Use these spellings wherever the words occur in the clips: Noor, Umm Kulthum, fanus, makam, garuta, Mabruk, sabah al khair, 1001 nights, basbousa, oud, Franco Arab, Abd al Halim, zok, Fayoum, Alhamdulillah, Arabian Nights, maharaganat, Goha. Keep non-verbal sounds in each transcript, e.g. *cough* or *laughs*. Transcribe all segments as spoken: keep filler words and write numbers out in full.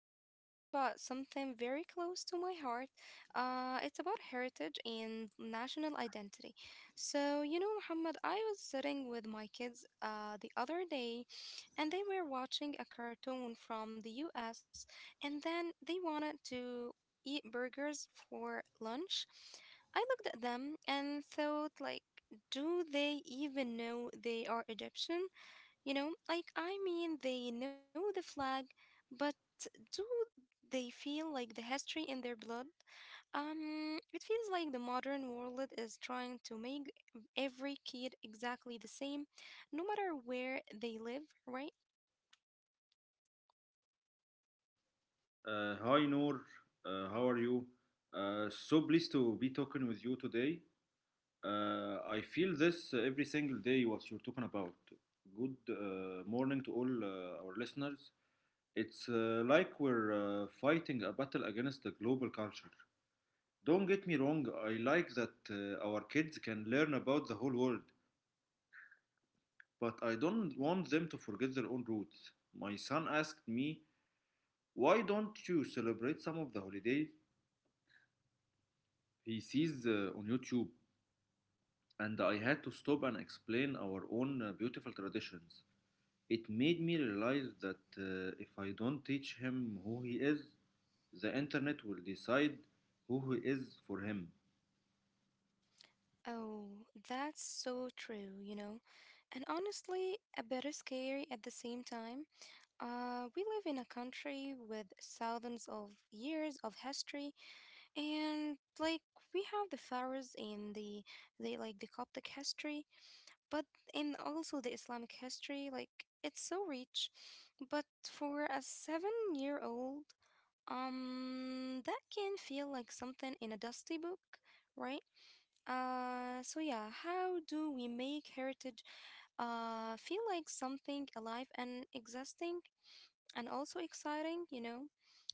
we are talking about something very close to my heart. Uh, it's about heritage and national identity. So, you know, Muhammad, I was sitting with my kids uh, the other day and they were watching a cartoon from the U S and then they wanted to eat burgers for lunch. I looked at them and thought, like, do they even know they are Egyptian? You know, like I mean, they know the flag, but do they feel like the history in their blood? Um, it feels like the modern world is trying to make every kid exactly the same, no matter where they live, right? Uh, hi Noor, uh, how are you? Uh, so pleased to be talking with you today. Uh, I feel this uh, every single day what you're talking about. Good uh, morning to all uh, our listeners. It's uh, like we're uh, fighting a battle against the global culture. Don't get me wrong, I like that uh, our kids can learn about the whole world, but I don't want them to forget their own roots. My son asked me, "Why don't you celebrate some of the holidays he sees uh, on YouTube?" And I had to stop and explain our own uh, beautiful traditions. It made me realize that uh, if I don't teach him who he is, the internet will decide who he is for him. Oh, that's so true, you know. And honestly, a bit scary at the same time. Uh, we live in a country with thousands of years of history and like we have the pharaohs in the they like the Coptic history, but in also the Islamic history, like it's so rich. But for a seven-year-old, um, that can feel like something in a dusty book, right? Uh, so yeah, how do we make heritage uh feel like something alive and existing and also exciting, you know?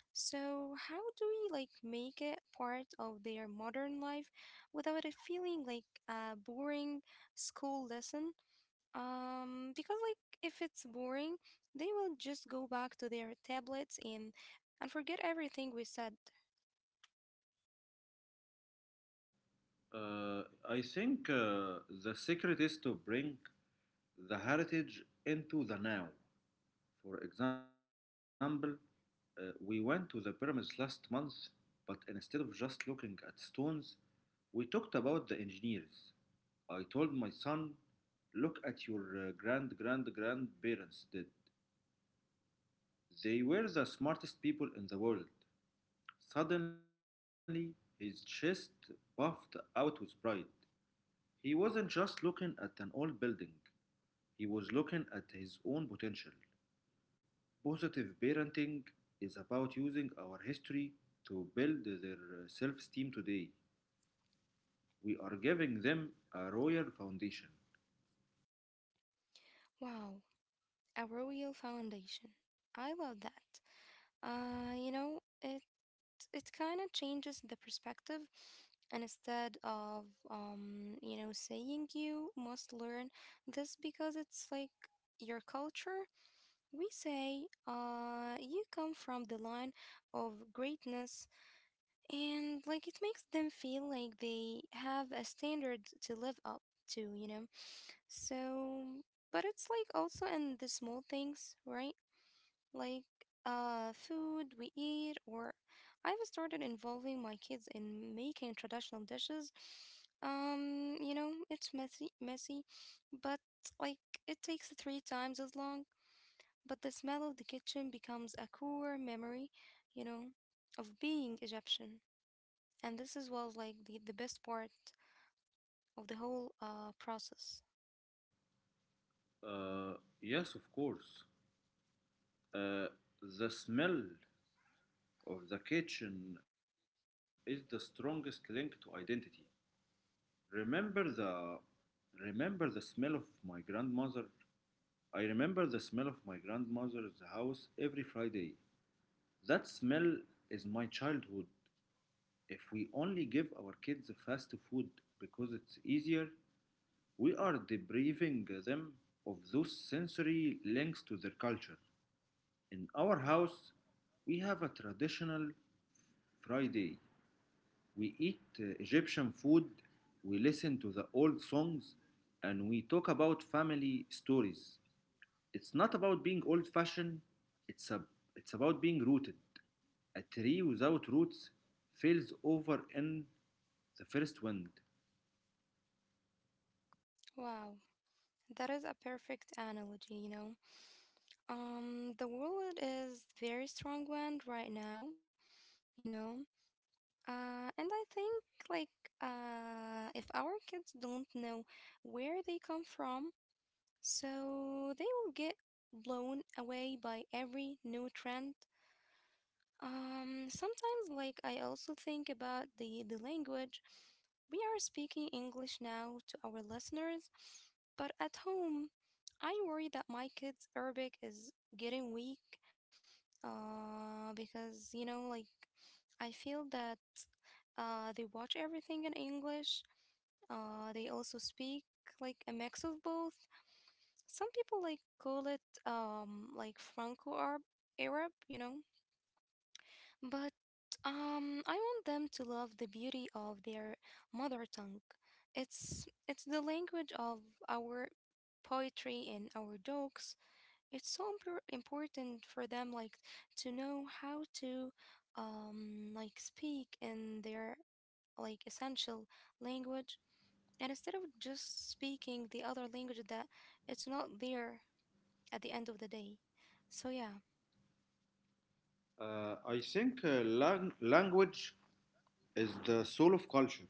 So, how do we like make it part of their modern life without it feeling like a boring school lesson? Um, because like if it's boring, they will just go back to their tablets and and forget everything we said. Uh, I think uh, the secret is to bring the heritage into the now. For example, uh, we went to the pyramids last month, but instead of just looking at stones, we talked about the engineers. I told my son, look at your uh, grand grand grandparents did. They were the smartest people in the world. Suddenly, his chest puffed out with pride. He wasn't just looking at an old building, he was looking at his own potential. Positive parenting is about using our history to build their self esteem today. We are giving them a royal foundation. Wow, a royal foundation. I love that. Uh, you know, it it kind of changes the perspective and instead of um you know saying you must learn this because it's like your culture, we say uh you come from the line of greatness, and like it makes them feel like they have a standard to live up to, you know. So but it's like also in the small things, right? Like uh, food we eat, or I've started involving my kids in making traditional dishes. Um, you know, it's messy, messy, but like it takes three times as long. But the smell of the kitchen becomes a core memory, you know, of being Egyptian. And this is was like the, the best part of the whole uh, process. Uh, yes, of course. Uh, the smell of the kitchen is the strongest link to identity. Remember the Remember the smell of my grandmother? I remember the smell of my grandmother's house every Friday. That smell is my childhood. If we only give our kids fast food because it's easier, we are depriving them of those sensory links to their culture. In our house, we have a traditional Friday. We eat uh, Egyptian food, we listen to the old songs, and we talk about family stories. It's not about being old fashioned, it's, a, it's about being rooted. A tree without roots falls over in the first wind. Wow, that is a perfect analogy, you know. Um, the world is very strong one right now, you know. Uh, and I think like uh, if our kids don't know where they come from, so they will get blown away by every new trend. Um, sometimes like I also think about the the language. We are speaking English now to our listeners, but at home, I worry that my kids' Arabic is getting weak uh, because you know, like I feel that uh, they watch everything in English. Uh, they also speak like a mix of both. Some people like call it um, like Franco Arab, Arab, you know. But um, I want them to love the beauty of their mother tongue. It's it's the language of our poetry and our jokes. It's so impor- important for them, like, to know how to um like speak in their like essential language, and instead of just speaking the other language that it's not there at the end of the day. So yeah. Uh, I think uh, lang- language is the soul of culture.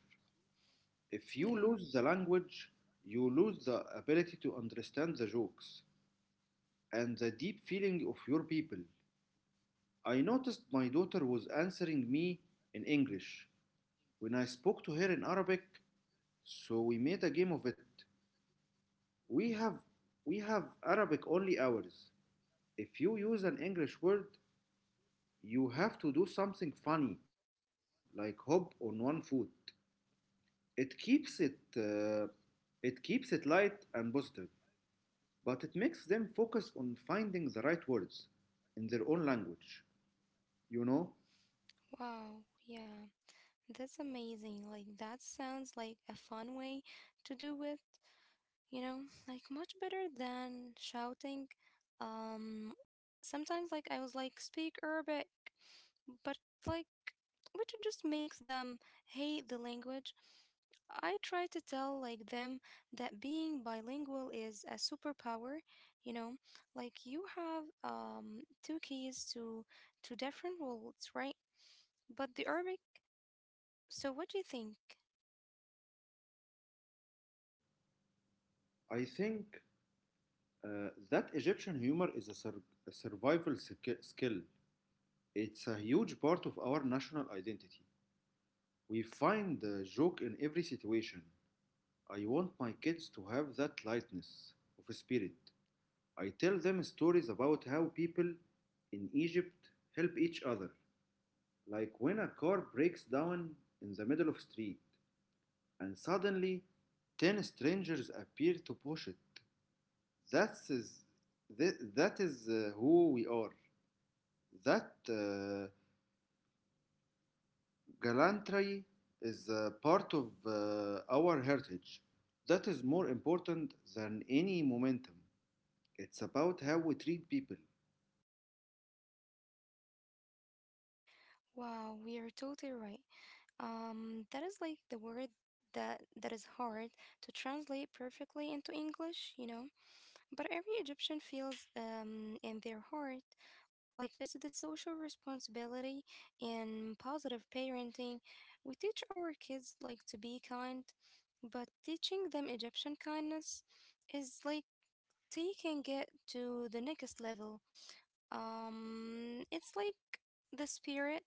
If you Yeah, lose the language, you lose the ability to understand the jokes and the deep feeling of your people. I noticed my daughter was answering me in English when I spoke to her in Arabic, so we made a game of it. We have we have Arabic only hours. If you use an English word, you have to do something funny like hop on one foot. It keeps it uh, it keeps it light and positive, but it makes them focus on finding the right words in their own language. You know, wow, yeah, that's amazing. Like that sounds like a fun way to do it, you know, like much better than shouting. Um sometimes like I was like, speak Arabic, but like, which just makes them hate the language. I try to tell like them that being bilingual is a superpower, you know, like you have um two keys to to different worlds, right? But the Arabic, so what do you think? I think Uh, that Egyptian humor is a, sur- a survival skill. It's a huge part of our national identity. We find the joke in every situation. I want my kids to have that lightness of spirit. I tell them stories about how people in Egypt help each other, like when a car breaks down in the middle of the street and suddenly ten strangers appear to push it. That's that is uh, who we are. That uh, gallantry is a part of uh, our heritage that is more important than any momentum. It's about how we treat people. Wow, we are totally right. Um, that is like the word that that is hard to translate perfectly into English, you know. But every Egyptian feels um, in their heart like it's the social responsibility and positive parenting. We teach our kids like to be kind, but teaching them Egyptian kindness is like taking it to the next level. Um, it's like the spirit,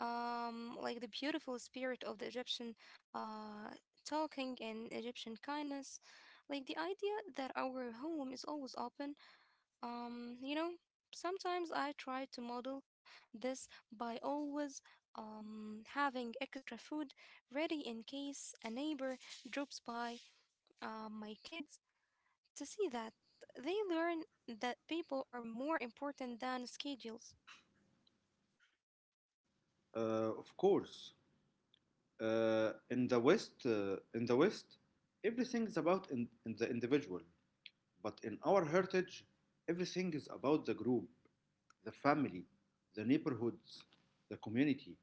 um, like the beautiful spirit of the Egyptian uh, talking and Egyptian kindness, like the idea that our home is always open. um, you know, sometimes I try to model this by always um, having extra food ready in case a neighbor drops by. Uh, my kids to see that, they learn that people are more important than schedules. Uh, of course, uh, in the West, uh, in the West, everything is about in, in the individual. But in our heritage, everything is about the group, the family, the neighborhoods, the community.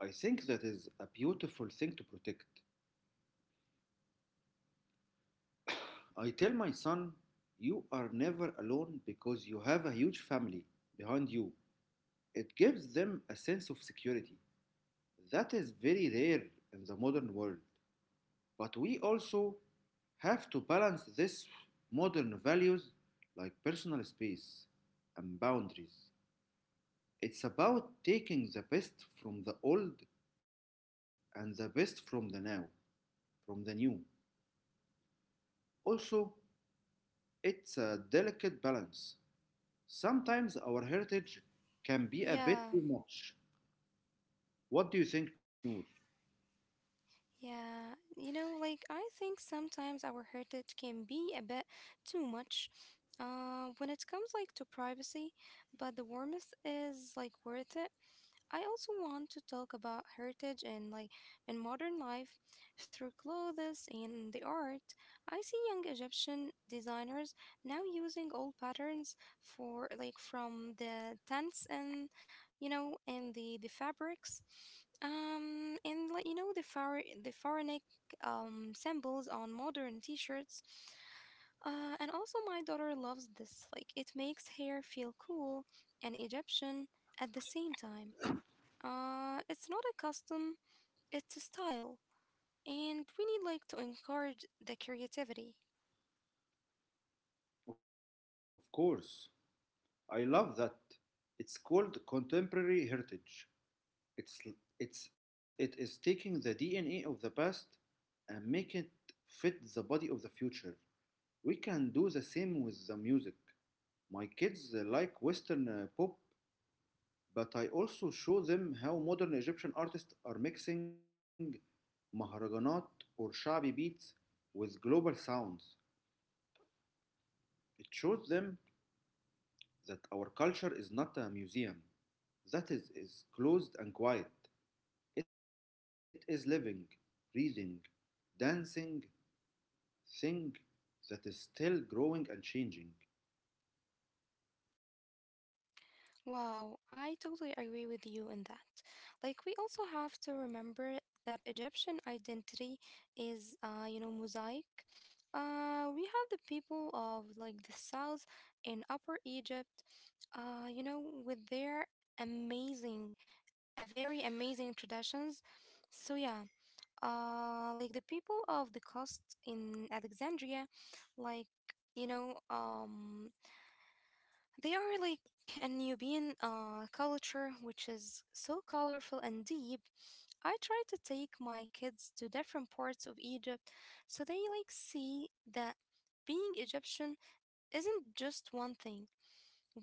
I think that is a beautiful thing to protect. I tell my son, you are never alone because you have a huge family behind you. It gives them a sense of security. That is very rare in the modern world. But we also have to balance this modern values like personal space and boundaries. It's about taking the best from the old and the best from the now, from the new. Also, it's a delicate balance. Sometimes our heritage can be a bit Yeah, too much. What do you think, Noor? yeah. You know, like I think sometimes our heritage can be a bit too much. Uh, when it comes like to privacy, but the warmth is like worth it. I also want to talk about heritage and like in modern life *laughs* through clothes and the art. I see young Egyptian designers now using old patterns for like, from the tents and you know, and the the fabrics, um and like you know the phara- the pharaonic um symbols on modern t-shirts. Uh and also my daughter loves this, like it makes hair feel cool and Egyptian at the same time. Uh, it's not a custom, it's a style. And we need like to encourage the creativity. Of course. I love that. It's called contemporary heritage. It's it's it is taking the D N A of the past and make it fit the body of the future. We can do the same with the music. My kids uh, like western uh, pop, but I also show them how modern Egyptian artists are mixing maharaganat or shabi beats with global sounds. It shows them that our culture is not a museum that is, is closed and quiet. It is living, breathing, dancing, thing that is still growing and changing. Wow, I totally agree with you in that. Like we also have to remember that Egyptian identity is uh, you know, mosaic. Uh, we have the people of like the south and upper Egypt, uh, you know, with their amazing, uh, very amazing traditions. So yeah. Uh, like the people of the coast in Alexandria, like you know, um, they are like a Nubian uh, culture which is so colorful and deep. I try to take my kids to different parts of Egypt so they like see that being Egyptian isn't just one thing.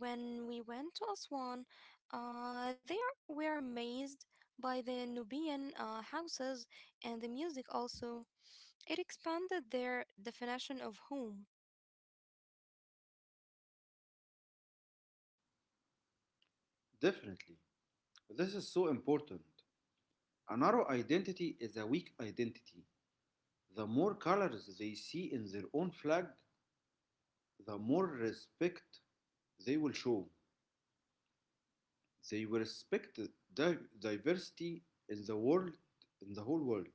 When we went to Aswan, uh, they are, were amazed by the Nubian uh, houses and the music also. It expanded their definition of home. Definitely. This is so important. A narrow identity is a weak identity. The more colors they see in their own flag, the more respect they will show. They will respect di- diversity in the world, in the whole world.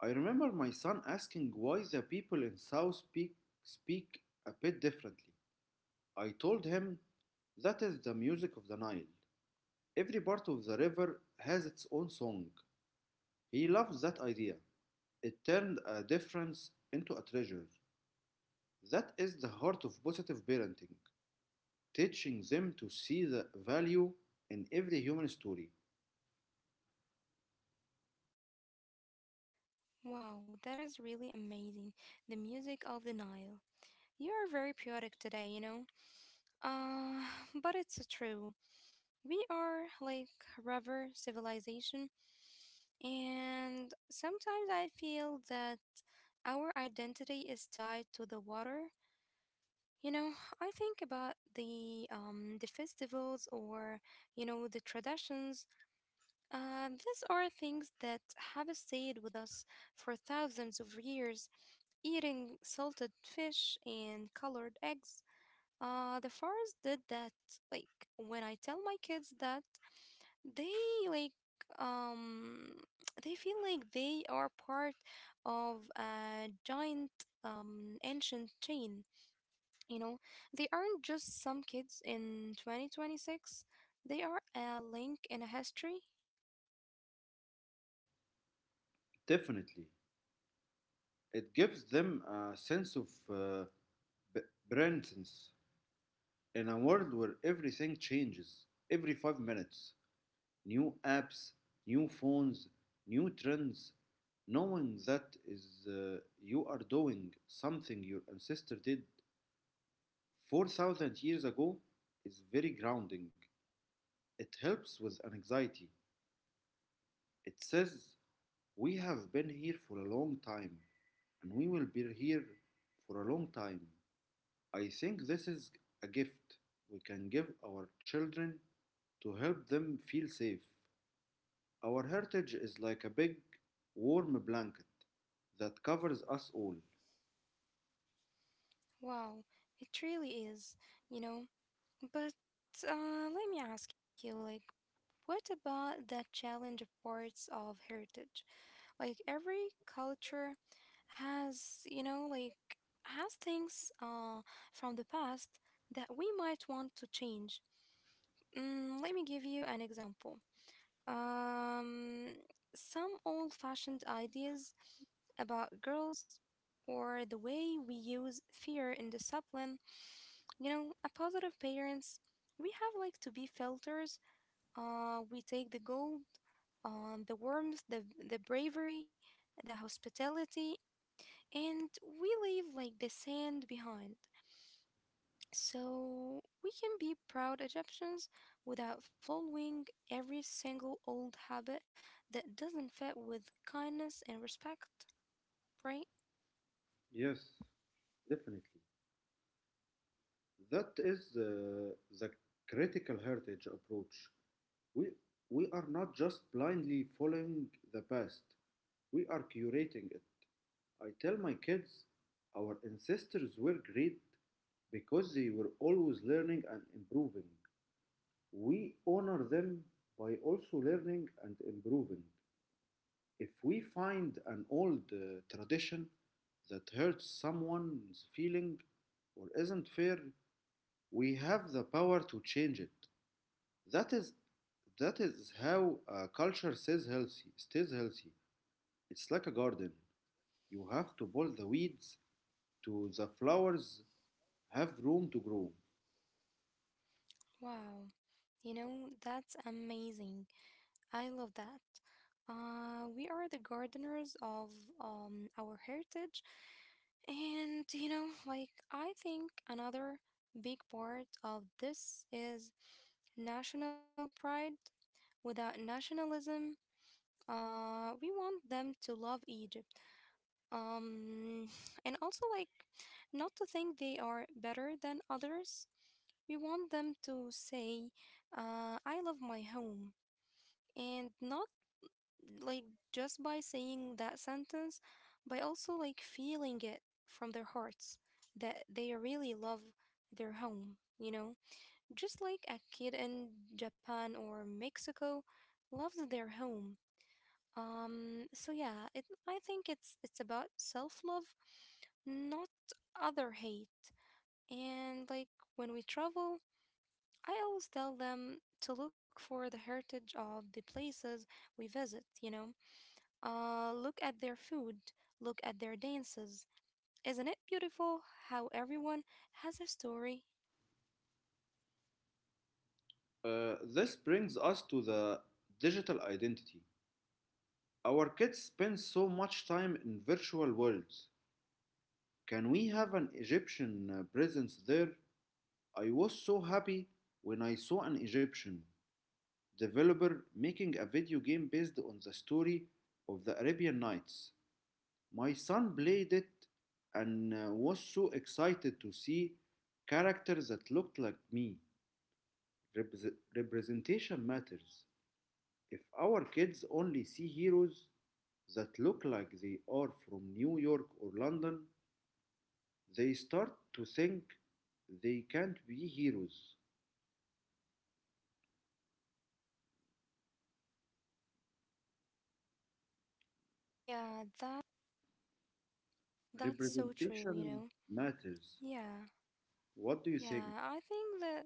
I remember my son asking why the people in South speak, speak a bit differently. I told him that is the music of the Nile. Every part of the river has its own song. He loved that idea. It turned a difference into a treasure. That is the heart of positive parenting, teaching them to see the value in every human story. Wow, that is really amazing. The music of the Nile. You are very poetic today, you know? Uh, *laughs* *sighs* but it's true. We are like river civilization, and sometimes I feel that our identity is tied to the water. You know, I think about the um the festivals or you know the traditions. Um, these are things that have stayed with us for thousands of years. Eating salted fish and colored eggs. Uh, the forest did that. Like when I tell my kids that, they like um *tsk* they feel like they are part of a giant um ancient chain. You know, they aren't just some kids in twenty twenty-six. They are a link in a history. Definitely. It gives them a sense of uh, presence in a world where everything changes every five minutes. New apps, new phones, new trends. Knowing that is uh, you are doing something your ancestor did four thousand years ago is very grounding. It helps with anxiety. It says we have been here for a long time, and we will be here for a long time. I think this is a gift we can give our children to help them feel safe. Our heritage is like a big, warm blanket that covers us all. Wow, it really is, you know. But uh, let me ask you, like, what about that challenge of parts of heritage? Like, every culture has, you know, like, has things uh, from the past that we might want to change. Mm, let me give you an example. Um, some old fashioned ideas about girls or the way we use fear in discipline. You know, a positive parents, we have like to be filters. Uh, we take the gold, um, the warmth, the the bravery, the hospitality, and we leave like the sand behind. So we can be proud Egyptians without following every single old habit that doesn't fit with kindness and respect, right? Yes, definitely. That is the, the critical heritage approach. We, we are not just blindly following the past, we are curating it. I tell my kids our ancestors were great because they were always learning and improving. We honor them by also learning and improving. If we find an old uh, tradition that hurts someone's feeling or isn't fair, we have the power to change it. That is that is how a culture stays healthy, stays healthy. It's like a garden. You have to pull the weeds to the flowers have room to grow. Wow. You know, that's amazing. I love that. Uh, we are the gardeners of um, our heritage. And, you know, like, I think another big part of this is national pride. Without nationalism, uh, we want them to love Egypt. Um, and also, like, not to think they are better than others. We want them to say, uh, I love my home, and not like, just by saying that sentence, by also like feeling it from their hearts that they really love their home, you know? Just like a kid in Japan or Mexico loves their home. Um so yeah, it I think it's it's about self-love, not other hate. And like when we travel, I always tell them to look for the heritage of the places we visit, you know? Uh, look at their food, look at their dances. Isn't it beautiful how everyone has a story? Uh, this brings us to the digital identity. Our kids spend so much time in virtual worlds. Can we have an Egyptian uh, presence there? I was so happy when I saw an Egyptian developer making a video game based on the story of the Arabian Nights. My son played it and uh, was so excited to see characters that looked like me. Repres- representation matters. If our kids only see heroes that look like they are from New York or London, they start to think they can't be heroes. Yeah, that that's so true, Representation you know. matters. Yeah. What do you think? Yeah, I think that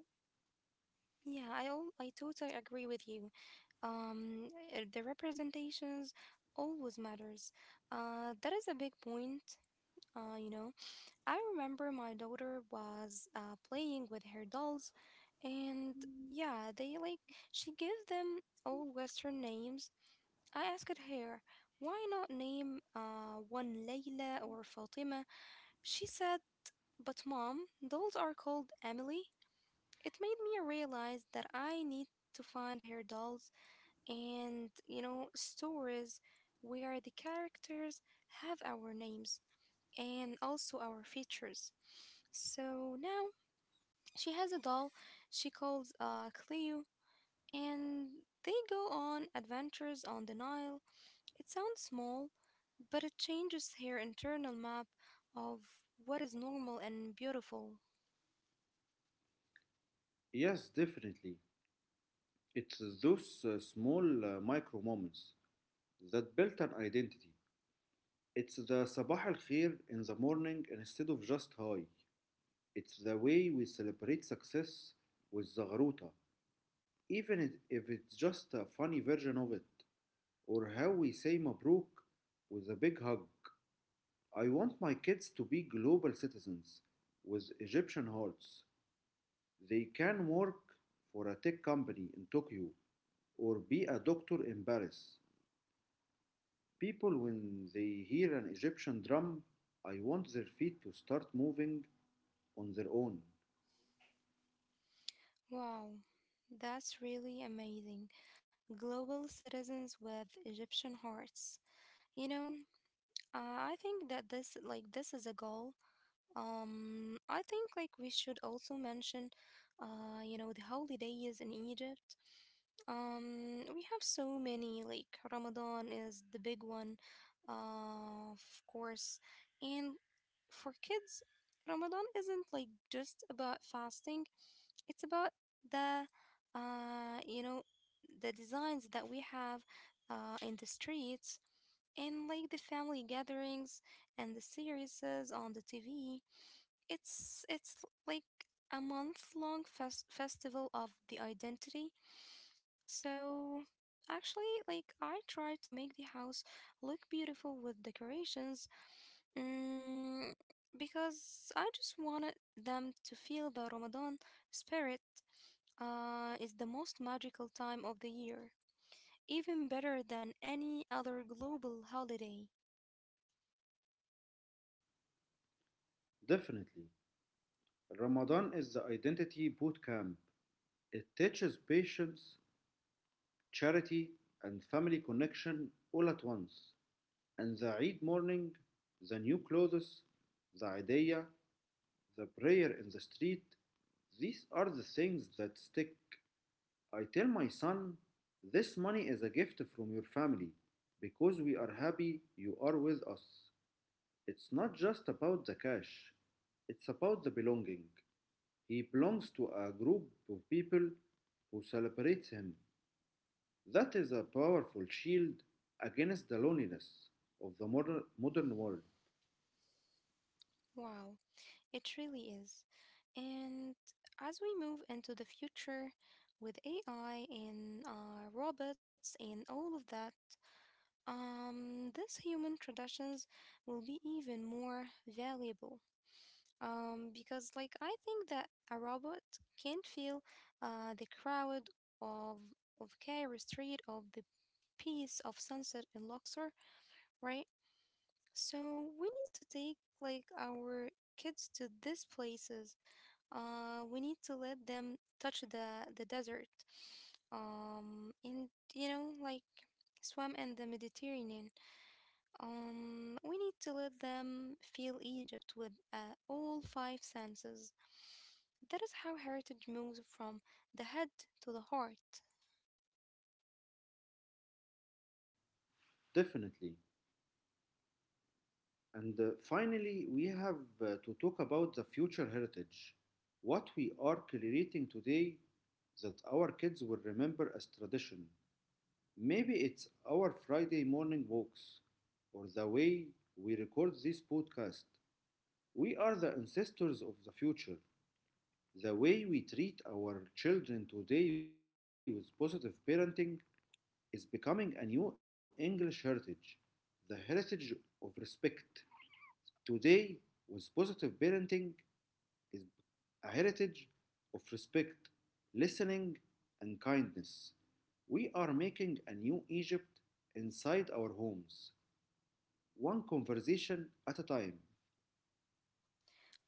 yeah, I all I totally agree with you. Um uh, the representations always matters. Uh that is a big point. Uh, you know, I remember my daughter was uh, playing with her dolls. And yeah, they like she gave them all Western names. I asked her, why not name uh one Layla or Fatima? She said, but mom, dolls are called Emily. It made me realize that I need to find her dolls and, you know, stories where the characters have our names and also our features. So now she has a doll she calls uh Cleo. And they go on adventures on the Nile. It sounds small, but it changes her internal map of what is normal and beautiful. Yes, definitely. It's those uh, small uh, micro moments that build an identity. It's the sabah al khair in the morning instead of just hi. It's the way we celebrate success with the garuta, even it- if it's just a funny version of it, or how we say Mabruk with a big hug. I want my kids to be global citizens with Egyptian hearts. They can work for a tech company in Tokyo or be a doctor in Paris. People, when they hear an Egyptian drum, I want their feet to start moving on their own. Wow, that's really amazing. Global citizens with Egyptian hearts. You know, uh, I think that this like this is a goal. Um, I think like we should also mention, uh, you know, the holidays in Egypt. Um, we have so many, like Ramadan is the big one, uh, of course. And for kids, Ramadan isn't like just about fasting, it's about the, uh, you know, the designs that we have uh, in the streets and like the family gatherings and the series on the T V. It's it's like a month long fest- festival of the identity. So actually, like I try to make the house look beautiful with decorations, mm, because I just wanted them to feel the Ramadan spirit. Uh, is the most magical time of the year, even better than any other global holiday. Definitely. Ramadan is the identity boot camp. It teaches patience, charity, and family connection all at once. And the Eid morning, the new clothes, the idea, the prayer in the street, these are the things that stick. I tell my son, this money is a gift from your family because we are happy you are with us. It's not just about the cash, it's about the belonging. He belongs to a group of people who celebrates him. That is a powerful shield against the loneliness of the modern, modern world. Wow, it really is. And as we move into the future with A I and uh, robots and all of that, um, these human traditions will be even more valuable. Um, because, like, I think that a robot can't feel uh, the crowd of of Cairo Street, of the peace of sunset in Luxor, right? So we need to take like our kids to these places uh, we need to let them touch the the desert, um, and you know, like swim in the Mediterranean. Um, we need to let them feel Egypt with uh, all five senses. That is how heritage moves from the head to the heart. Definitely. And uh, finally, we have uh, to talk about the future heritage, what we are creating today that our kids will remember as tradition. Maybe it's our Friday morning walks or the way we record this podcast. We are the ancestors of the future. The way we treat our children today with positive parenting is becoming a new English heritage, the heritage of respect. Today, with positive parenting, is a heritage of respect, listening, and kindness. We are making a new Egypt inside our homes, one conversation at a time.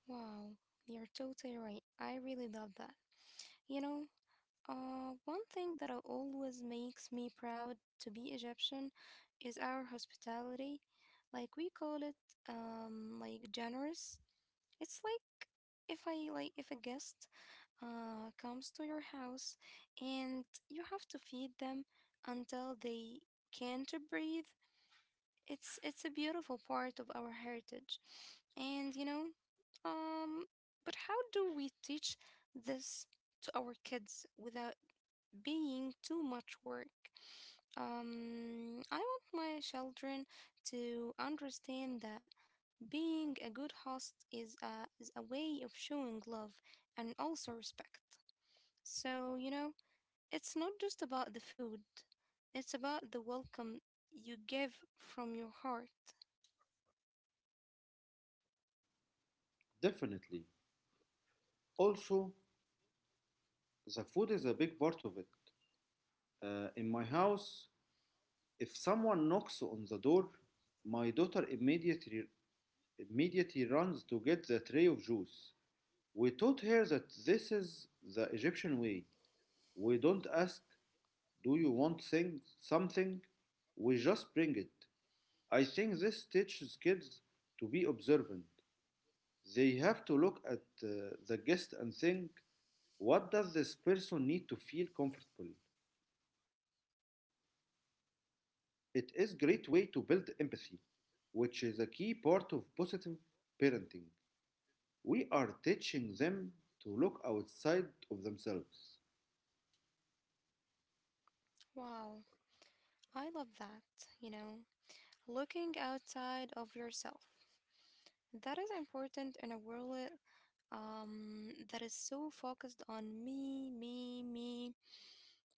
Wow, you're totally right. I really love that. You know, Uh, one thing that always makes me proud to be Egyptian is our hospitality. Like we call it, um, like generous. It's like if I like if a guest uh, comes to your house and you have to feed them until they can't breathe. It's it's a beautiful part of our heritage, and you know, um, but how do we teach this to our kids without being too much work? Um, I want my children to understand that being a good host is a, is a way of showing love and also respect. So, you know, it's not just about the food, it's about the welcome you give from your heart. Definitely. Also, the food is a big part of it. Uh, in my house, if someone knocks on the door, my daughter immediately immediately runs to get the tray of juice. We taught her that this is the Egyptian way. We don't ask, do you want thing, something? We just bring it. I think this teaches kids to be observant. They have to look at uh, the guest and think, what does this person need to feel comfortable? It is a great way to build empathy, which is a key part of positive parenting. We are teaching them to look outside of themselves. Wow, I love that, you know, looking outside of yourself. That is important in a world um, that is so focused on me, me, me.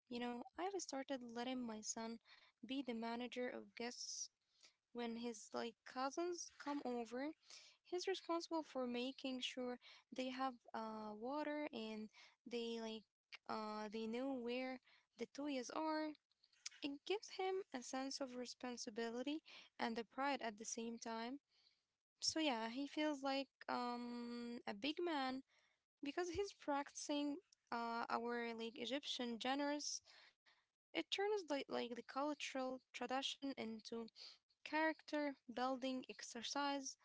You know, I've started letting my son be the manager of guests when his like cousins come over. He's responsible for making sure they have uh water and they like uh they know where the toys are. It gives him a sense of responsibility and the pride at the same time. So yeah, he feels like um a big man because he's practicing uh, our like Egyptian genres, it turns like like the cultural tradition into character building exercise.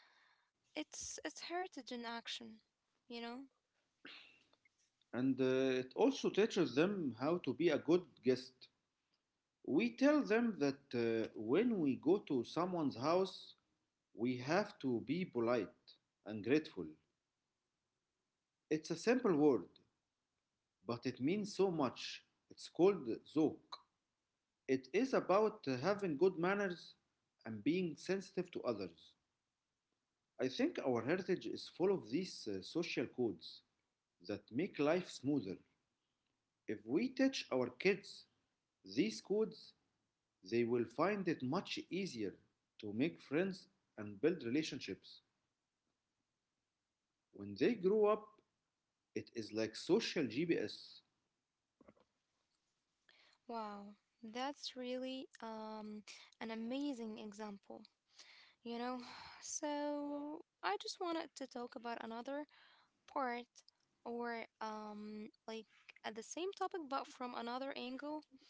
It's it's heritage in action, you know. And uh, it also teaches them how to be a good guest. We tell them that uh, when we go to someone's house, we have to be polite and grateful. It's a simple word, but it means so much. It's called zok. It is about uh, having good manners and being sensitive to others. I think our heritage is full of these uh, social codes that make life smoother. If we teach our kids these codes, they will find it much easier to make friends and build relationships. When they grow up, it is like social G P S. Wow, that's really um an amazing example, you know. *sighs* So I just wanted to talk about another part or um like at the same topic but from another angle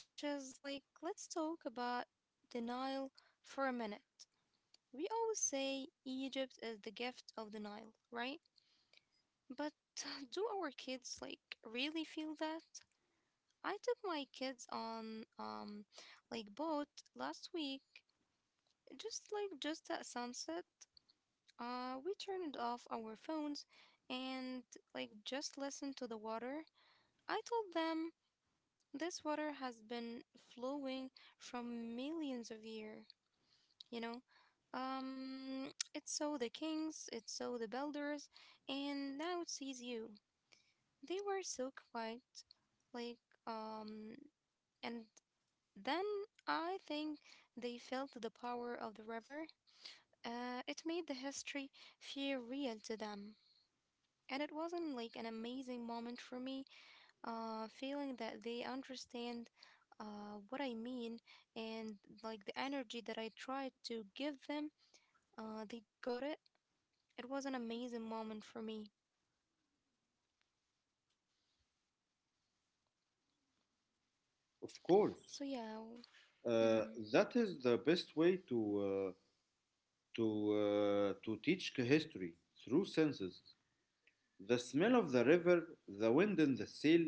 which is like, let's talk about the Nile for a minute. We always say Egypt is the gift of the Nile, right? But *laughs* do our kids like really feel that? I took my kids on um like boat last week, just like just at sunset. Uh we turned off our phones and like just listened to the water. I told them this water has been flowing from millions of years. you know um it saw the kings, it saw the builders, and now it sees you. They were so quiet, like um and then I think they felt the power of the river. Uh, it made the history feel real to them, and it wasn't like an amazing moment for me uh, feeling that they understand uh, what I mean, and like the energy that I tried to give them uh, they got it. It was an amazing moment for me. Of course, So, yeah, uh, mm-hmm. that is the best way to uh, to uh, to teach history through senses. The smell of the river, the wind in the sail,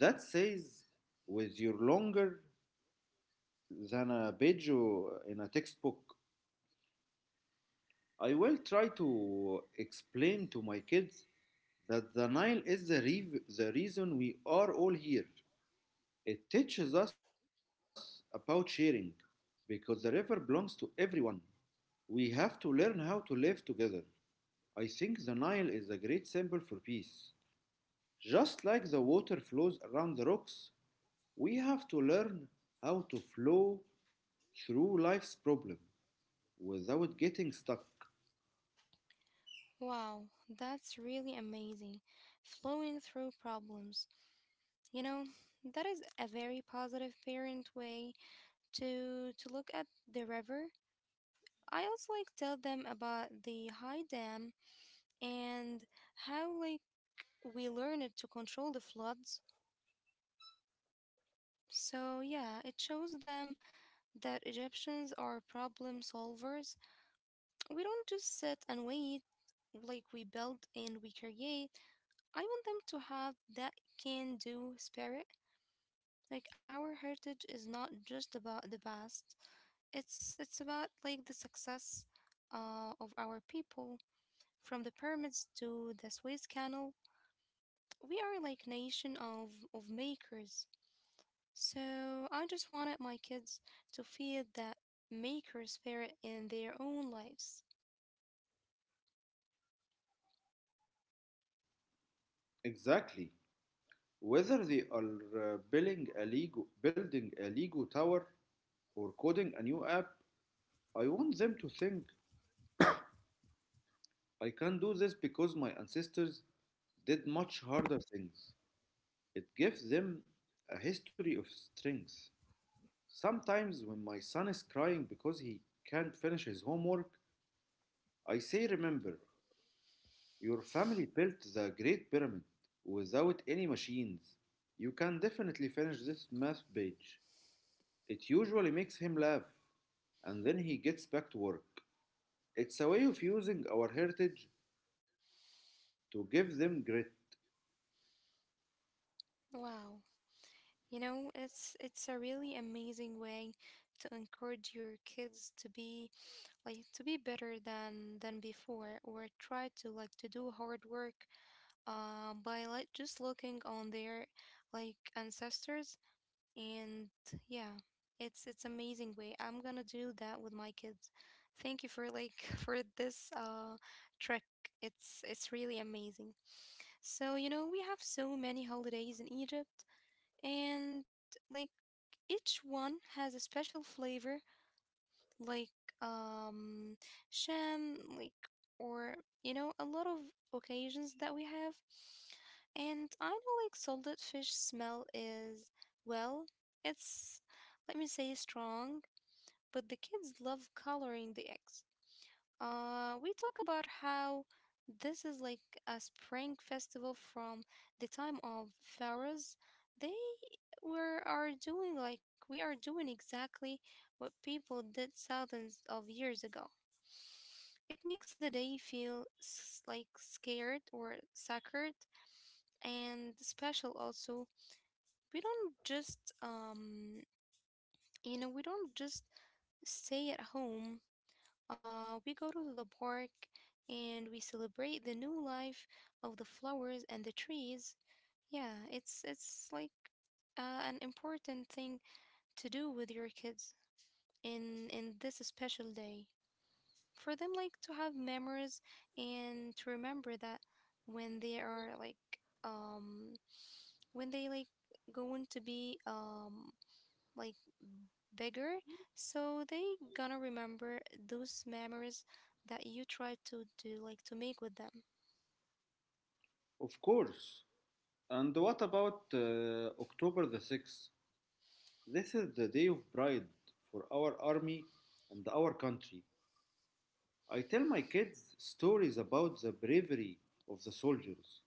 that says with your longer than a page or in a textbook. I will try to explain to my kids that the Nile is the, re- the reason we are all here. It teaches us about sharing because the river belongs to everyone. We have to learn how to live together. I think the Nile is a great symbol for peace. Just like the water flows around the rocks, we have to learn how to flow through life's problem without getting stuck. Wow, that's really amazing. Flowing through problems. You know, that is a very positive parent way to to look at the river. I also like tell them about the high dam and how like we learn it to control the floods. So yeah, it shows them that Egyptians are problem solvers. We don't just sit and wait, like we build and we create. I want them to have that can do spirit. Like our heritage is not just about the past. It's it's about like the success uh, of our people from the pyramids to the Suez Canal. We are like nation of of makers. So I just wanted my kids to feel that maker spirit in their own lives. Exactly. Whether they are uh, building a Lego, building a Lego tower or coding a new app, I want them to think I can do this because my ancestors did much harder things. It gives them a history of strength. Sometimes when my son is crying because he can't finish his homework, I say, remember, your family built the Great Pyramid without any machines. You can definitely finish this math page. It usually makes him laugh, and then he gets back to work. It's a way of using our heritage to give them grit. Wow. You know, it's it's a really amazing way to encourage your kids to be like to be better than than before or try to like to do hard work um by like just looking on their like ancestors, and yeah, it's it's amazing way. I'm gonna do that with my kids. Thank you for like *laughs* for this uh trick. It's it's really amazing. So, you know, we have so many holidays in Egypt, and like each one has a special flavor, like um, sham, like or you know, a lot of occasions that we have. And I know like salted fish smell is, well, it's let me say strong, but the kids love coloring the eggs. Uh, we talk about how this is like a spring festival from the time of pharaohs. They were are doing like We are doing exactly what people did thousands of years ago. It makes the day feel s- like scared or sacred and special also. We don't just um you know we don't just stay at home, uh, we go to the park and we celebrate the new life of the flowers and the trees. Yeah, it's it's like uh, an important thing to do with your kids in in this special day for them like to have memories and to remember that when they are like um when they like going to be um like bigger, so they gonna remember those memories that you try to do like to make with them. Of course. And what about uh, October the sixth? This is the day of pride for our army and our country. I tell my kids stories about the bravery of the soldiers.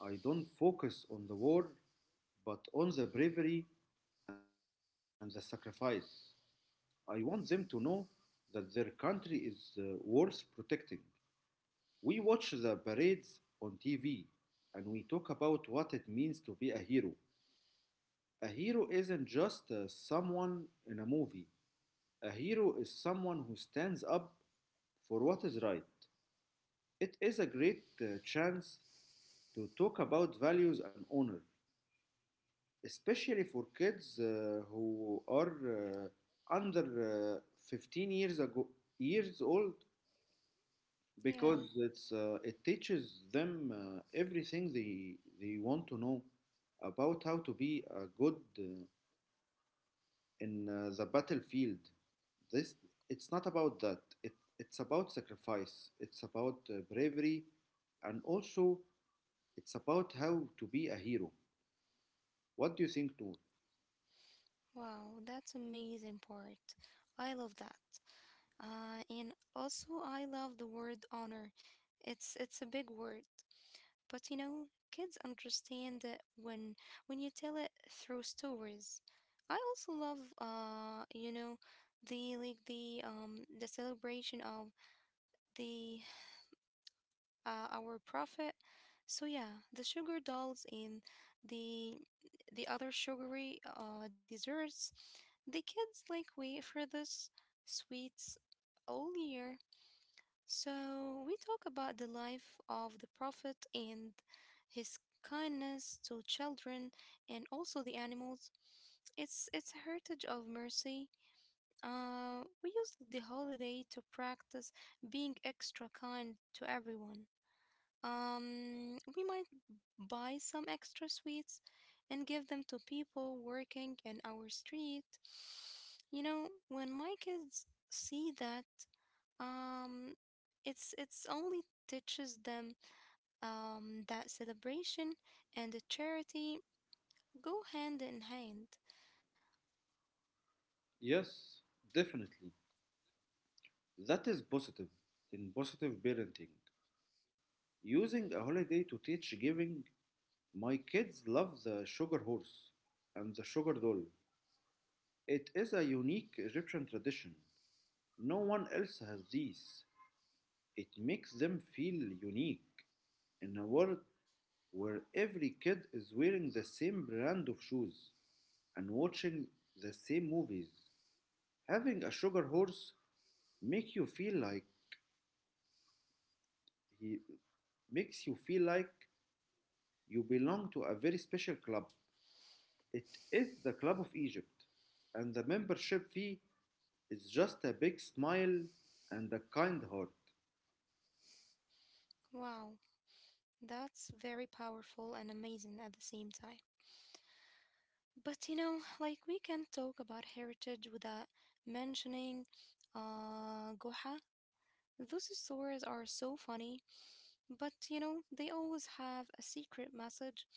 I don't focus on the war, but on the bravery and the sacrifice. I want them to know that their country is uh, worth protecting. We watch the parades on T V and we talk about what it means to be a hero. A hero isn't just uh, someone in a movie, a hero is someone who stands up for what is right. It is a great uh, chance to talk about values and honor, especially for kids uh, who are uh, under uh, fifteen years ago years old Yeah, because it's uh, it teaches them uh, everything they they want to know about how to be a good uh, in uh, the battlefield. This It's not about that. It, it's about sacrifice. It's about uh, bravery, and also it's about how to be a hero. What do you think, Noor? wow, that's amazing part. I love that. Uh, and also I love the word honor. It's it's a big word, but you know, kids understand it when when you tell it through stories. I also love uh, you know, the like the um the celebration of the uh, our profit. So yeah, the sugar dolls and the the other sugary uh, desserts, the kids like wait for this sweets all year. So we talk about the life of the prophet and his kindness to children and also the animals. It's it's a heritage of mercy. Uh, we use the holiday to practice being extra kind to everyone. Um, we might buy some extra sweets and give them to people working in our street. You know, when my kids see that, um, it's it's only teaches them um, that celebration and the charity go hand in hand. Yes, definitely. That is positive in positive parenting. Using a holiday to teach giving. My kids love the sugar horse and the sugar doll. It is a unique Egyptian tradition. No one else has these. It makes them feel unique in a world where every kid is wearing the same brand of shoes and watching the same movies. Having a sugar horse make you feel like he makes you feel like you belong to a very special club. It is the Club of Egypt, and the membership fee, it's just a big smile and a kind heart. Wow, that's very powerful and amazing at the same time. But you know, like we can't talk about heritage without mentioning uh Goha. Those stories are so funny, but you know, they always have a secret message.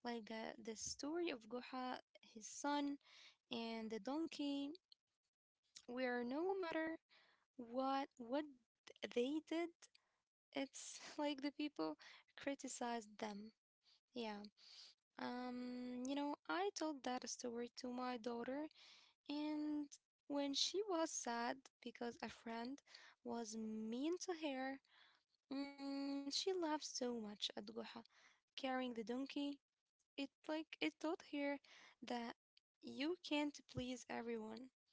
Like the the story of Goha, his son, and the donkey, where no matter what what they did, it's *laughs* like the people criticized them. Yeah. Um, you know, I told that story to my daughter and when she was sad because a friend was mean to her, mm, she laughed so much at Guha carrying the donkey. It like it taught her that you can't please everyone,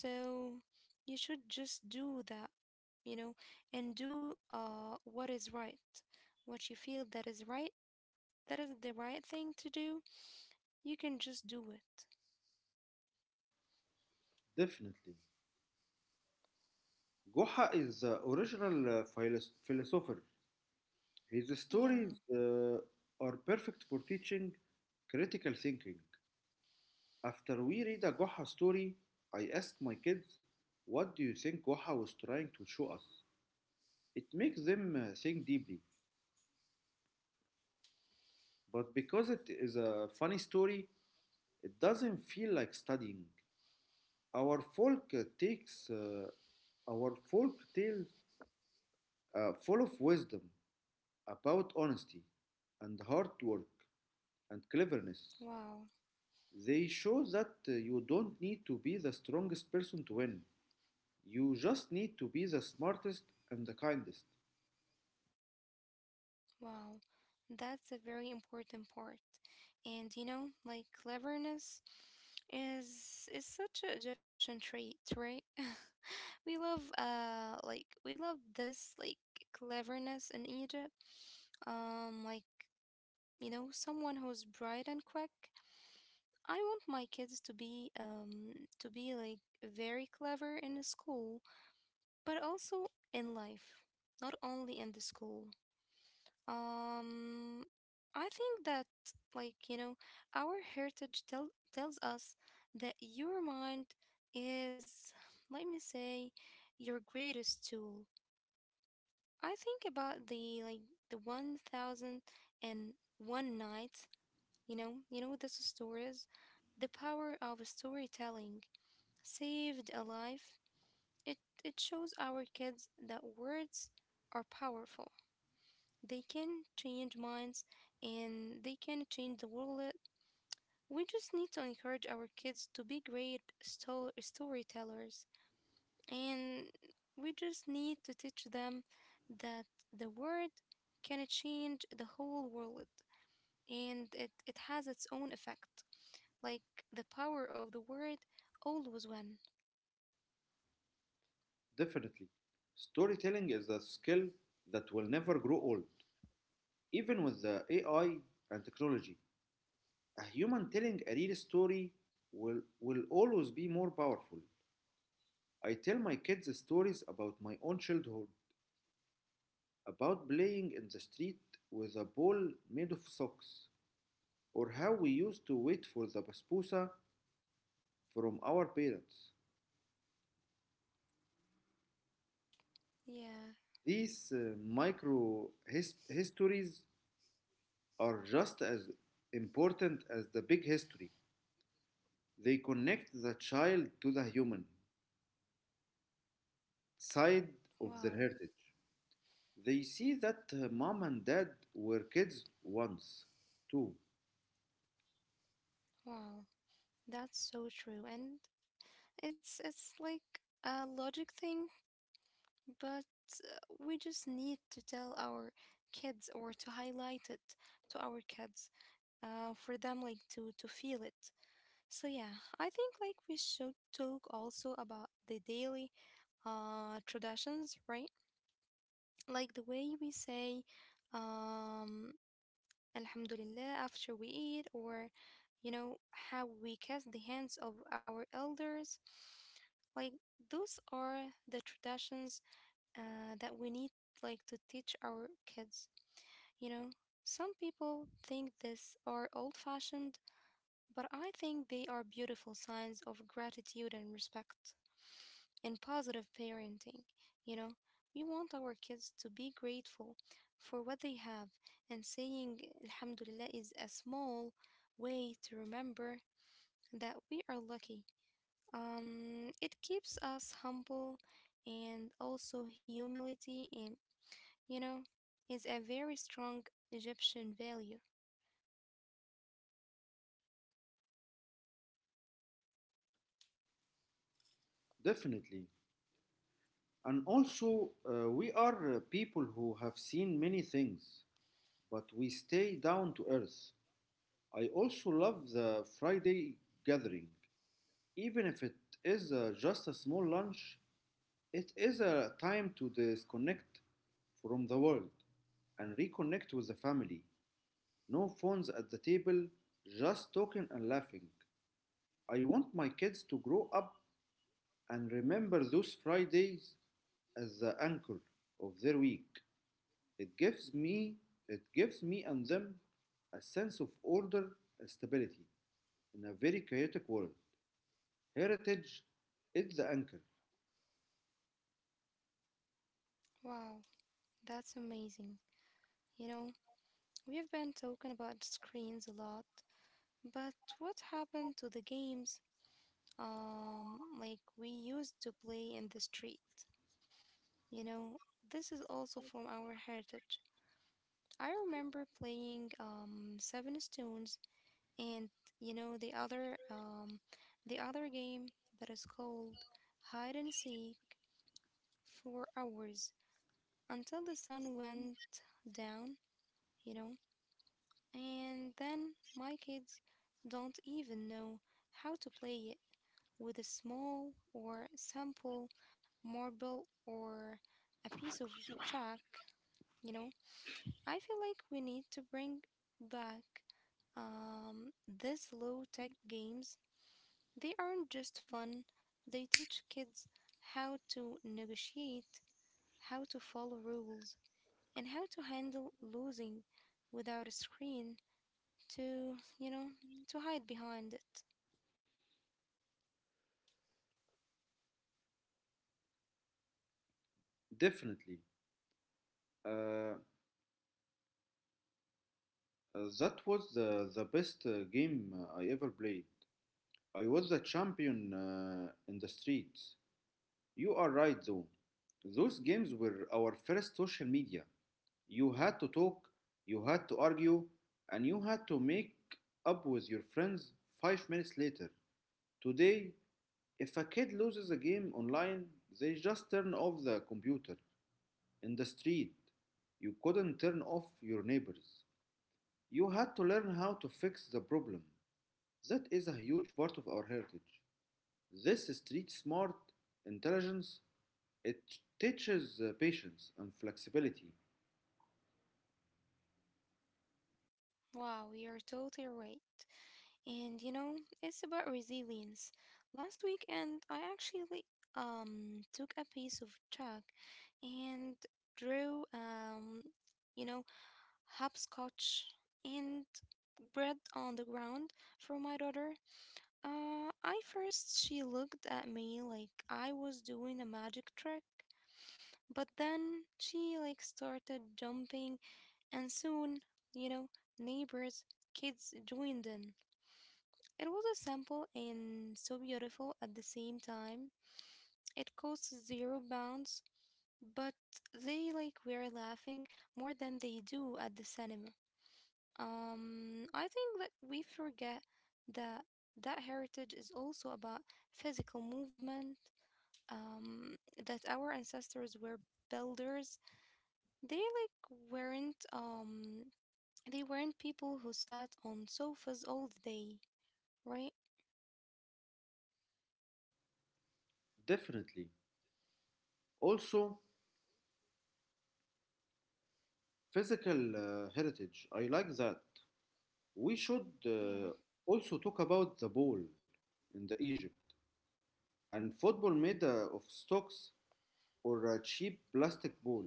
so you should just do that, you know, and do uh what is right, what you feel that is right. That is the right thing to do. You can just do it. Definitely. Goha is the original uh, philos- philosopher. His Yeah. stories uh, are perfect for teaching critical thinking. After we read a Goha story, I ask my kids, what do you think Goha was trying to show us? It makes them uh, think deeply, but because it is a funny story, it doesn't feel like studying. Our folk uh, takes uh, our folk tales uh, full of wisdom about honesty and hard work and cleverness. Wow. They show that uh, you don't need to be the strongest person to win. You just need to be the smartest and the kindest. Wow. That's a very important part. And you know, like cleverness is is such an Egyptian trait, right? *laughs* We love uh like we love this like cleverness in Egypt. Um like you know, someone who's bright and quick. I want my kids to be um to be like very clever in school, but also in life, not only in the school. Um, I think that, like, you know, our heritage tell, tells us that your mind is, let me say, your greatest tool. I think about the, like, the one thousand and one nights. You know, you know what this story is, the power of storytelling saved a life. It, it shows our kids that words are powerful. They can change minds and they can change the world. Uh, We just need to encourage our kids to be great sto- storytellers. And we just need to teach them that the word can change the whole world, and it, it has its own effect. Like the power of the word always win. Definitely. Storytelling is a skill that will never grow old, even with the A I and technology. A human telling a real story will, will always be more powerful. I tell my kids stories about my own childhood, about playing in the street with a ball made of socks, or how we used to wait for the basbousa from our parents. Yeah. These uh, micro his- histories are just as important as the big history. They connect the child to the human side of their Wow. heritage. They see that uh, mom and dad were kids once, too. Wow. That's so true. And it's it's like a logic thing, but uh, we just need to tell our kids or to highlight it to our kids uh, for them like to to feel it. So yeah, I think like we should talk also about the daily uh, traditions, right? Like the way we say um, Alhamdulillah after we eat, or you know how we kiss the hands of our elders. Like those are the traditions uh, that we need like to teach our kids, you know, some people think this are old fashioned, but I think they are beautiful signs of gratitude and respect and positive parenting. You know, we want our kids to be grateful for what they have, and saying alhamdulillah is a small way to remember that we are lucky. Um It keeps us humble, and also humility and, you know, is a very strong Egyptian value. Definitely. And also, uh, we are uh, people who have seen many things, but we stay down to earth. I also love the Friday gathering. Even if it is uh, just a small lunch, it is a time to disconnect from the world and reconnect with the family. No phones at the table, just talking and laughing. I want my kids to grow up and remember those Fridays as the anchor of their week. It gives me it gives me and them a sense of order and stability in a very chaotic world. Heritage is the anchor. Wow, that's amazing. You know, we've been talking about screens a lot, but what happened to the games um like we used to play in the street? You know, this is also from our heritage. I remember playing um Seven Stones, and you know the other, um the other game that is called hide and seek, for hours until the sun went down, you know, and then my kids don't even know how to play it with a small or simple marble or a piece of chalk, you know. I feel like we need to bring back um, these low tech games. They aren't just fun, they teach kids how to negotiate, how to follow rules, and how to handle losing without a screen to, you know, to hide behind it. Definitely. Uh, uh, that was the, the best uh, game uh, I ever played. I was the champion uh, in the streets. You are right, though. Those games were our first social media. You had to talk, you had to argue, and you had to make up with your friends five minutes later. Today, if a kid loses a game online, they just turn off the computer. In the street, you couldn't turn off your neighbors. You had to learn how to fix the problem. That is a huge part of our heritage. This street smart intelligence, it teaches uh, patience and flexibility. Wow, you're totally right. And you know, it's about resilience. Last weekend, I actually um took a piece of chalk and drew, um you know, hopscotch and bread on the ground for my daughter. Uh, I first she looked at me like I was doing a magic trick, but then she like started jumping, and soon, you know, neighbors, kids joined in. It was a simple and so beautiful at the same time. It costs zero pounds, but they like were laughing more than they do at the cinema. Um I think that we forget that that heritage is also about physical movement, um, that our ancestors were builders. They like weren't um they weren't people who sat on sofas all the day, right? Definitely. Also, physical uh, heritage. I like that. We should uh, Yeah. also talk about the ball in the Egypt. And football made uh, of sticks or a cheap plastic ball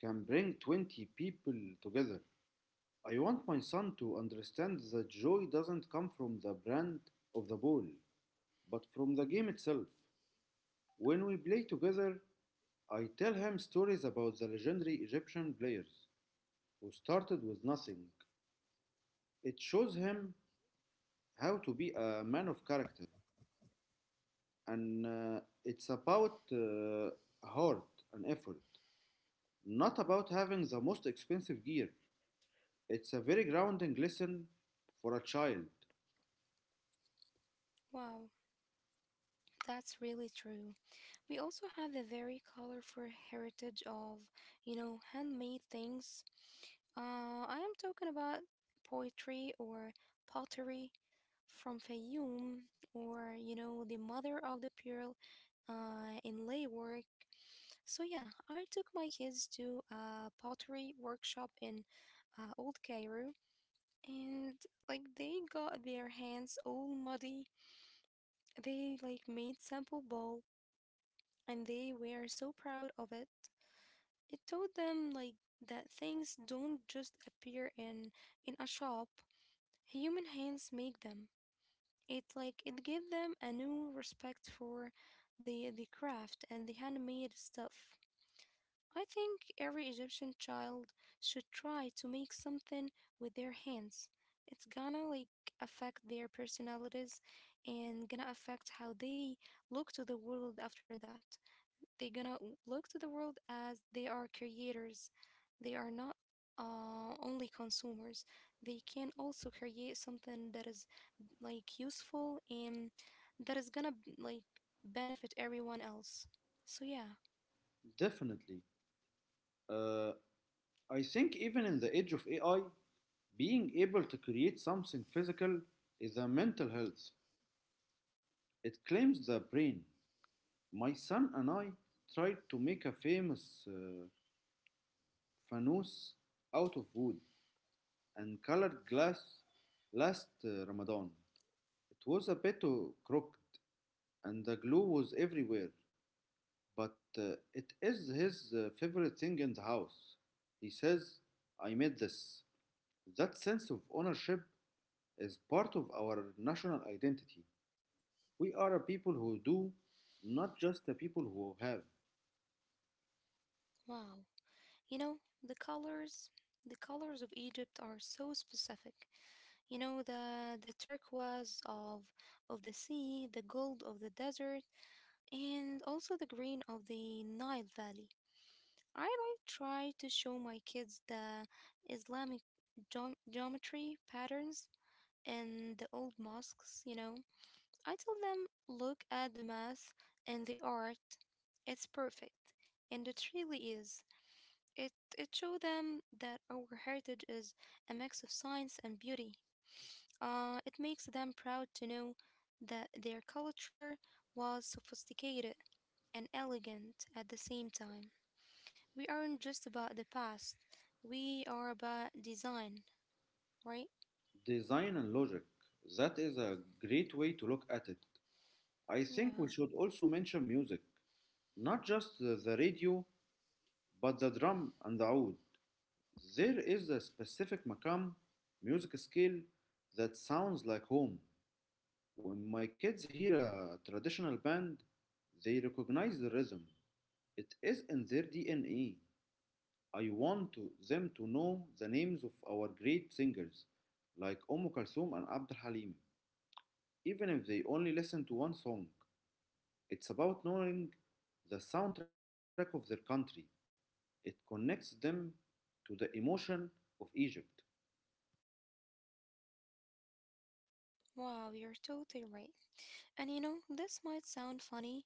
can bring twenty people together. I want my son to understand that joy doesn't come from the brand of the ball, but from the game itself. When we play together, I tell him stories about the legendary Egyptian players who started with nothing. It shows him how to be a man of character, and uh, it's about uh, heart and effort, not about having the most expensive gear. It's a very grounding lesson for a child. Wow, that's really true. We also have a very colorful heritage of, you know, handmade things. Uh, I am talking about poetry or pottery from Fayoum or, you know, the mother of the pearl uh, in lay work. So, yeah, I took my kids to a pottery workshop in uh, old Cairo, and like they got their hands all muddy. They like made sample ball, and they were so proud of it. It taught them like that things don't just appear in in a shop. Human hands make them. It like it gave them a new respect for the the craft and the handmade stuff. I think every Egyptian child should try to make something with their hands. It's gonna like affect their personalities and gonna affect how they look to the world after that. They're gonna w- look to the world as they are creators. They are not uh, only consumers. They can also create something that is like useful and that is gonna like benefit everyone else. So yeah, Definitely. Uh, I think even in the age of A I, being able to create something physical is a mental health. It claims the brain. My son and I tried to make a famous uh, fanus out of wood and colored glass last uh, Ramadan. It was a bit uh, crooked and the glue was everywhere. But uh, it is his uh, favorite thing in the house. He says, I made this. That sense of ownership is part of our national identity. We are a people who do, not just a people who have. wow. You know, the colors, the colors of Egypt are so specific. You know, the the turquoise of of the sea, the gold of the desert, and also the green of the Nile Valley. I like try to show my kids the Islamic geom- geometry patterns in the old mosques, you know. I tell them, look at the math and the art. It's perfect, and it really is. It it showed them that our heritage is a mix of science and beauty. Uh, it makes them proud to know that their culture was sophisticated and elegant at the same time. We aren't just about the past; we are about design, right? Design and logic. That is a great way to look at it. I think we Yeah. should also mention music. Not just the, the radio, but the drum and the oud. There is a specific makam, music scale, that sounds like home. When my kids hear a traditional band, they recognize the rhythm. It is in their D N A. I want to, them to know the names of our great singers, like Umm Kulthum and Abd al Halim, even if they only listen to one song. It's about knowing the soundtrack of their country. It connects them to the emotion of Egypt. Wow, you're totally right. And you know, this might sound funny.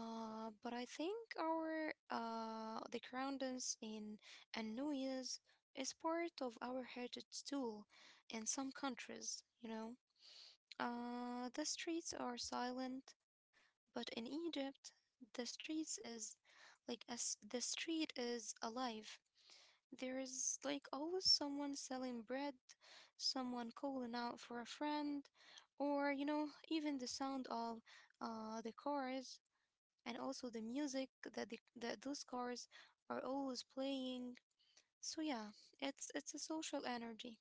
Uh, but I think our, uh, the groundings in and noise is part of our heritage too in some countries, you know. Uh, the streets are silent, but in Egypt, the streets is like as the street is alive. There is like always someone selling bread, someone calling out for a friend, or you know, even the sound of uh, the cars and also the music that the, that those cars are always playing. So yeah, it's it's a social energy.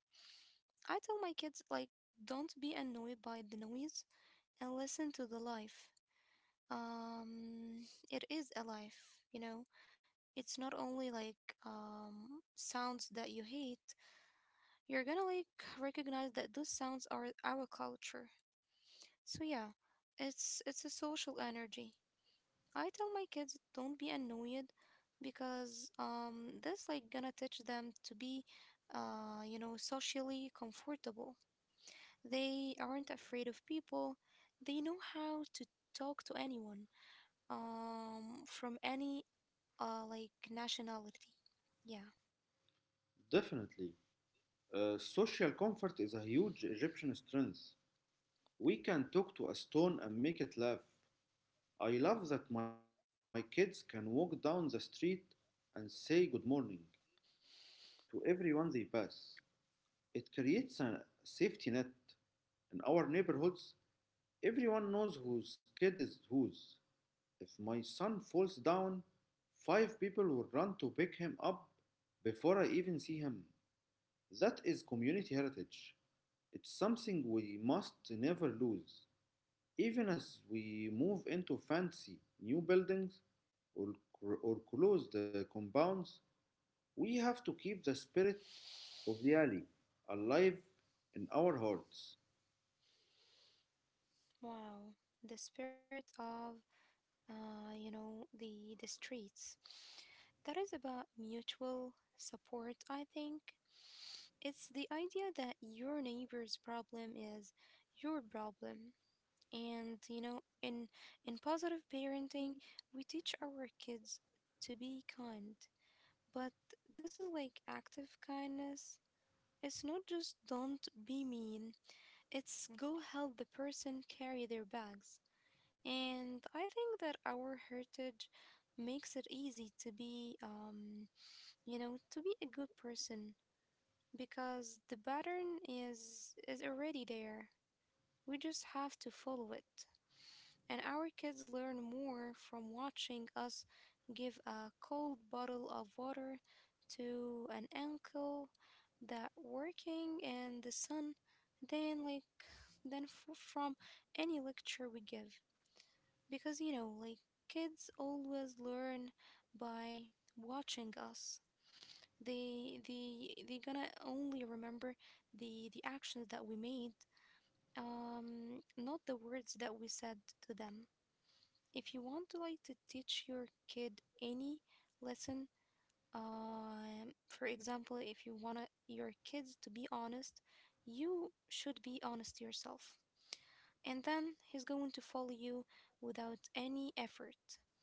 I tell my kids like don't be annoyed by the noise and listen to the life. Um, it is a life, you know. It's not only like um sounds that you hate. You're gonna like recognize that those sounds are our culture. So yeah, it's it's a social energy. I tell my kids don't be annoyed because um that's like gonna teach them to be, uh you know, socially comfortable. They aren't afraid of people. They know how to talk to anyone um from any uh like nationality. Yeah. Definitely. Uh, social comfort is a huge Egyptian strength. We can talk to a stone and make it laugh. I love that my kids can walk down the street and say good morning to everyone they pass. It creates a safety net. In our neighborhoods, everyone knows whose kid is whose. If my son falls down, five people will run to pick him up before I even see him. That is community heritage. It's something we must never lose. Even as we move into fancy new buildings or, or closed uh, compounds, we have to keep the spirit of the alley alive in our hearts. Wow. The spirit of uh you know the the streets. That is about mutual support, I think. It's the idea that your neighbor's problem is your problem. And you know, in in positive parenting, we teach our kids to be kind. But this is like active kindness. It's not just don't be mean. It's go help the person carry their bags. And I think that our heritage makes it easy to be, um you know, to be a good person, because the pattern is is already there. We just have to follow it. And our kids learn more from watching us give a cold bottle of water to an uncle that working in the sun than like than f- from any lecture we give, because you know like kids always learn by watching us. They they they gonna only remember the the actions that we made, um, not the words that we said to them. If you want to like to teach your kid any lesson, um, for example, if you want your kids to be honest, you should be honest yourself. And then he's going to follow you without any effort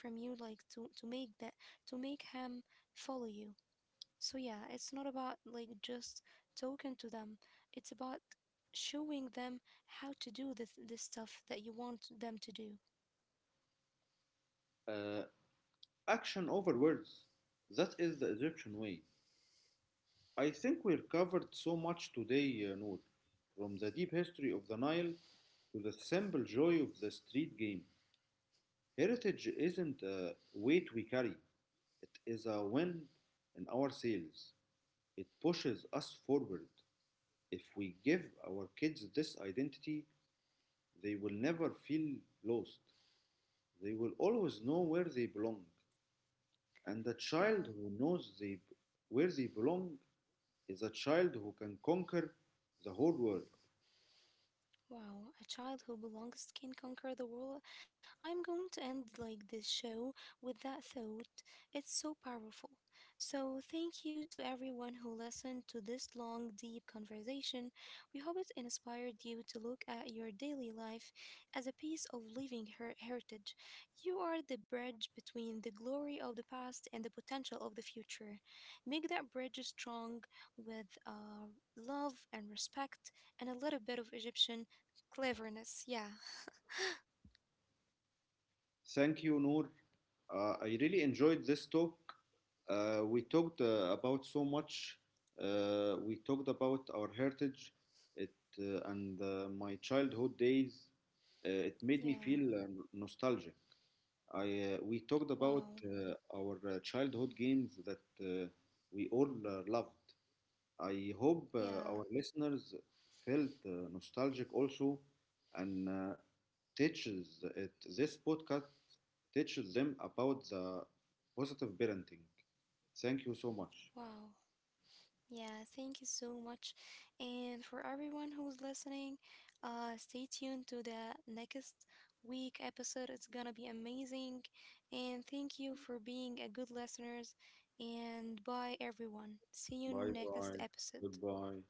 from you like to to make that to make him follow you. So yeah, it's not about like just talking to them. It's about showing them how to do this this stuff that you want them to do. Uh, Action over words. That is the Egyptian way. I think we're covered so much today, uh, Noor, from the deep history of the Nile to the simple joy of the street game. Heritage isn't a weight we carry, it is a wind in our sails. It pushes us forward. If we give our kids this identity, they will never feel lost. They will always know where they belong. And a child Wow. who knows they, where they belong is a child who can conquer the whole world. Wow, a child who belongs can conquer the world. I'm going to end like this show with that thought. It's so powerful. So thank you to everyone who listened to this long, deep conversation. We hope it inspired you to look at your daily life as a piece of living her- heritage. You are the bridge between the glory of the past and the potential of the future. Make that bridge strong with uh, love and respect and a little bit of Egyptian cleverness, yeah. Thank you, Noor. Uh, I really enjoyed this talk. Uh, we talked uh, about so much. Uh, we talked about our heritage, it uh, and uh, my childhood days. Uh, it made me feel Yeah. uh, nostalgic. I uh, We talked about Wow. uh, our uh, childhood games that uh, we all uh, loved. I hope uh, our Yeah. listeners felt uh, nostalgic also, and uh, teaches it this podcast teaches them about the positive parenting. Thank you so much. Wow. Yeah, thank you so much. And for everyone who's listening, uh stay tuned to the next week episode. It's gonna be amazing. And thank you for being a good listeners, and bye everyone. See you Bye next bye. episode. Goodbye.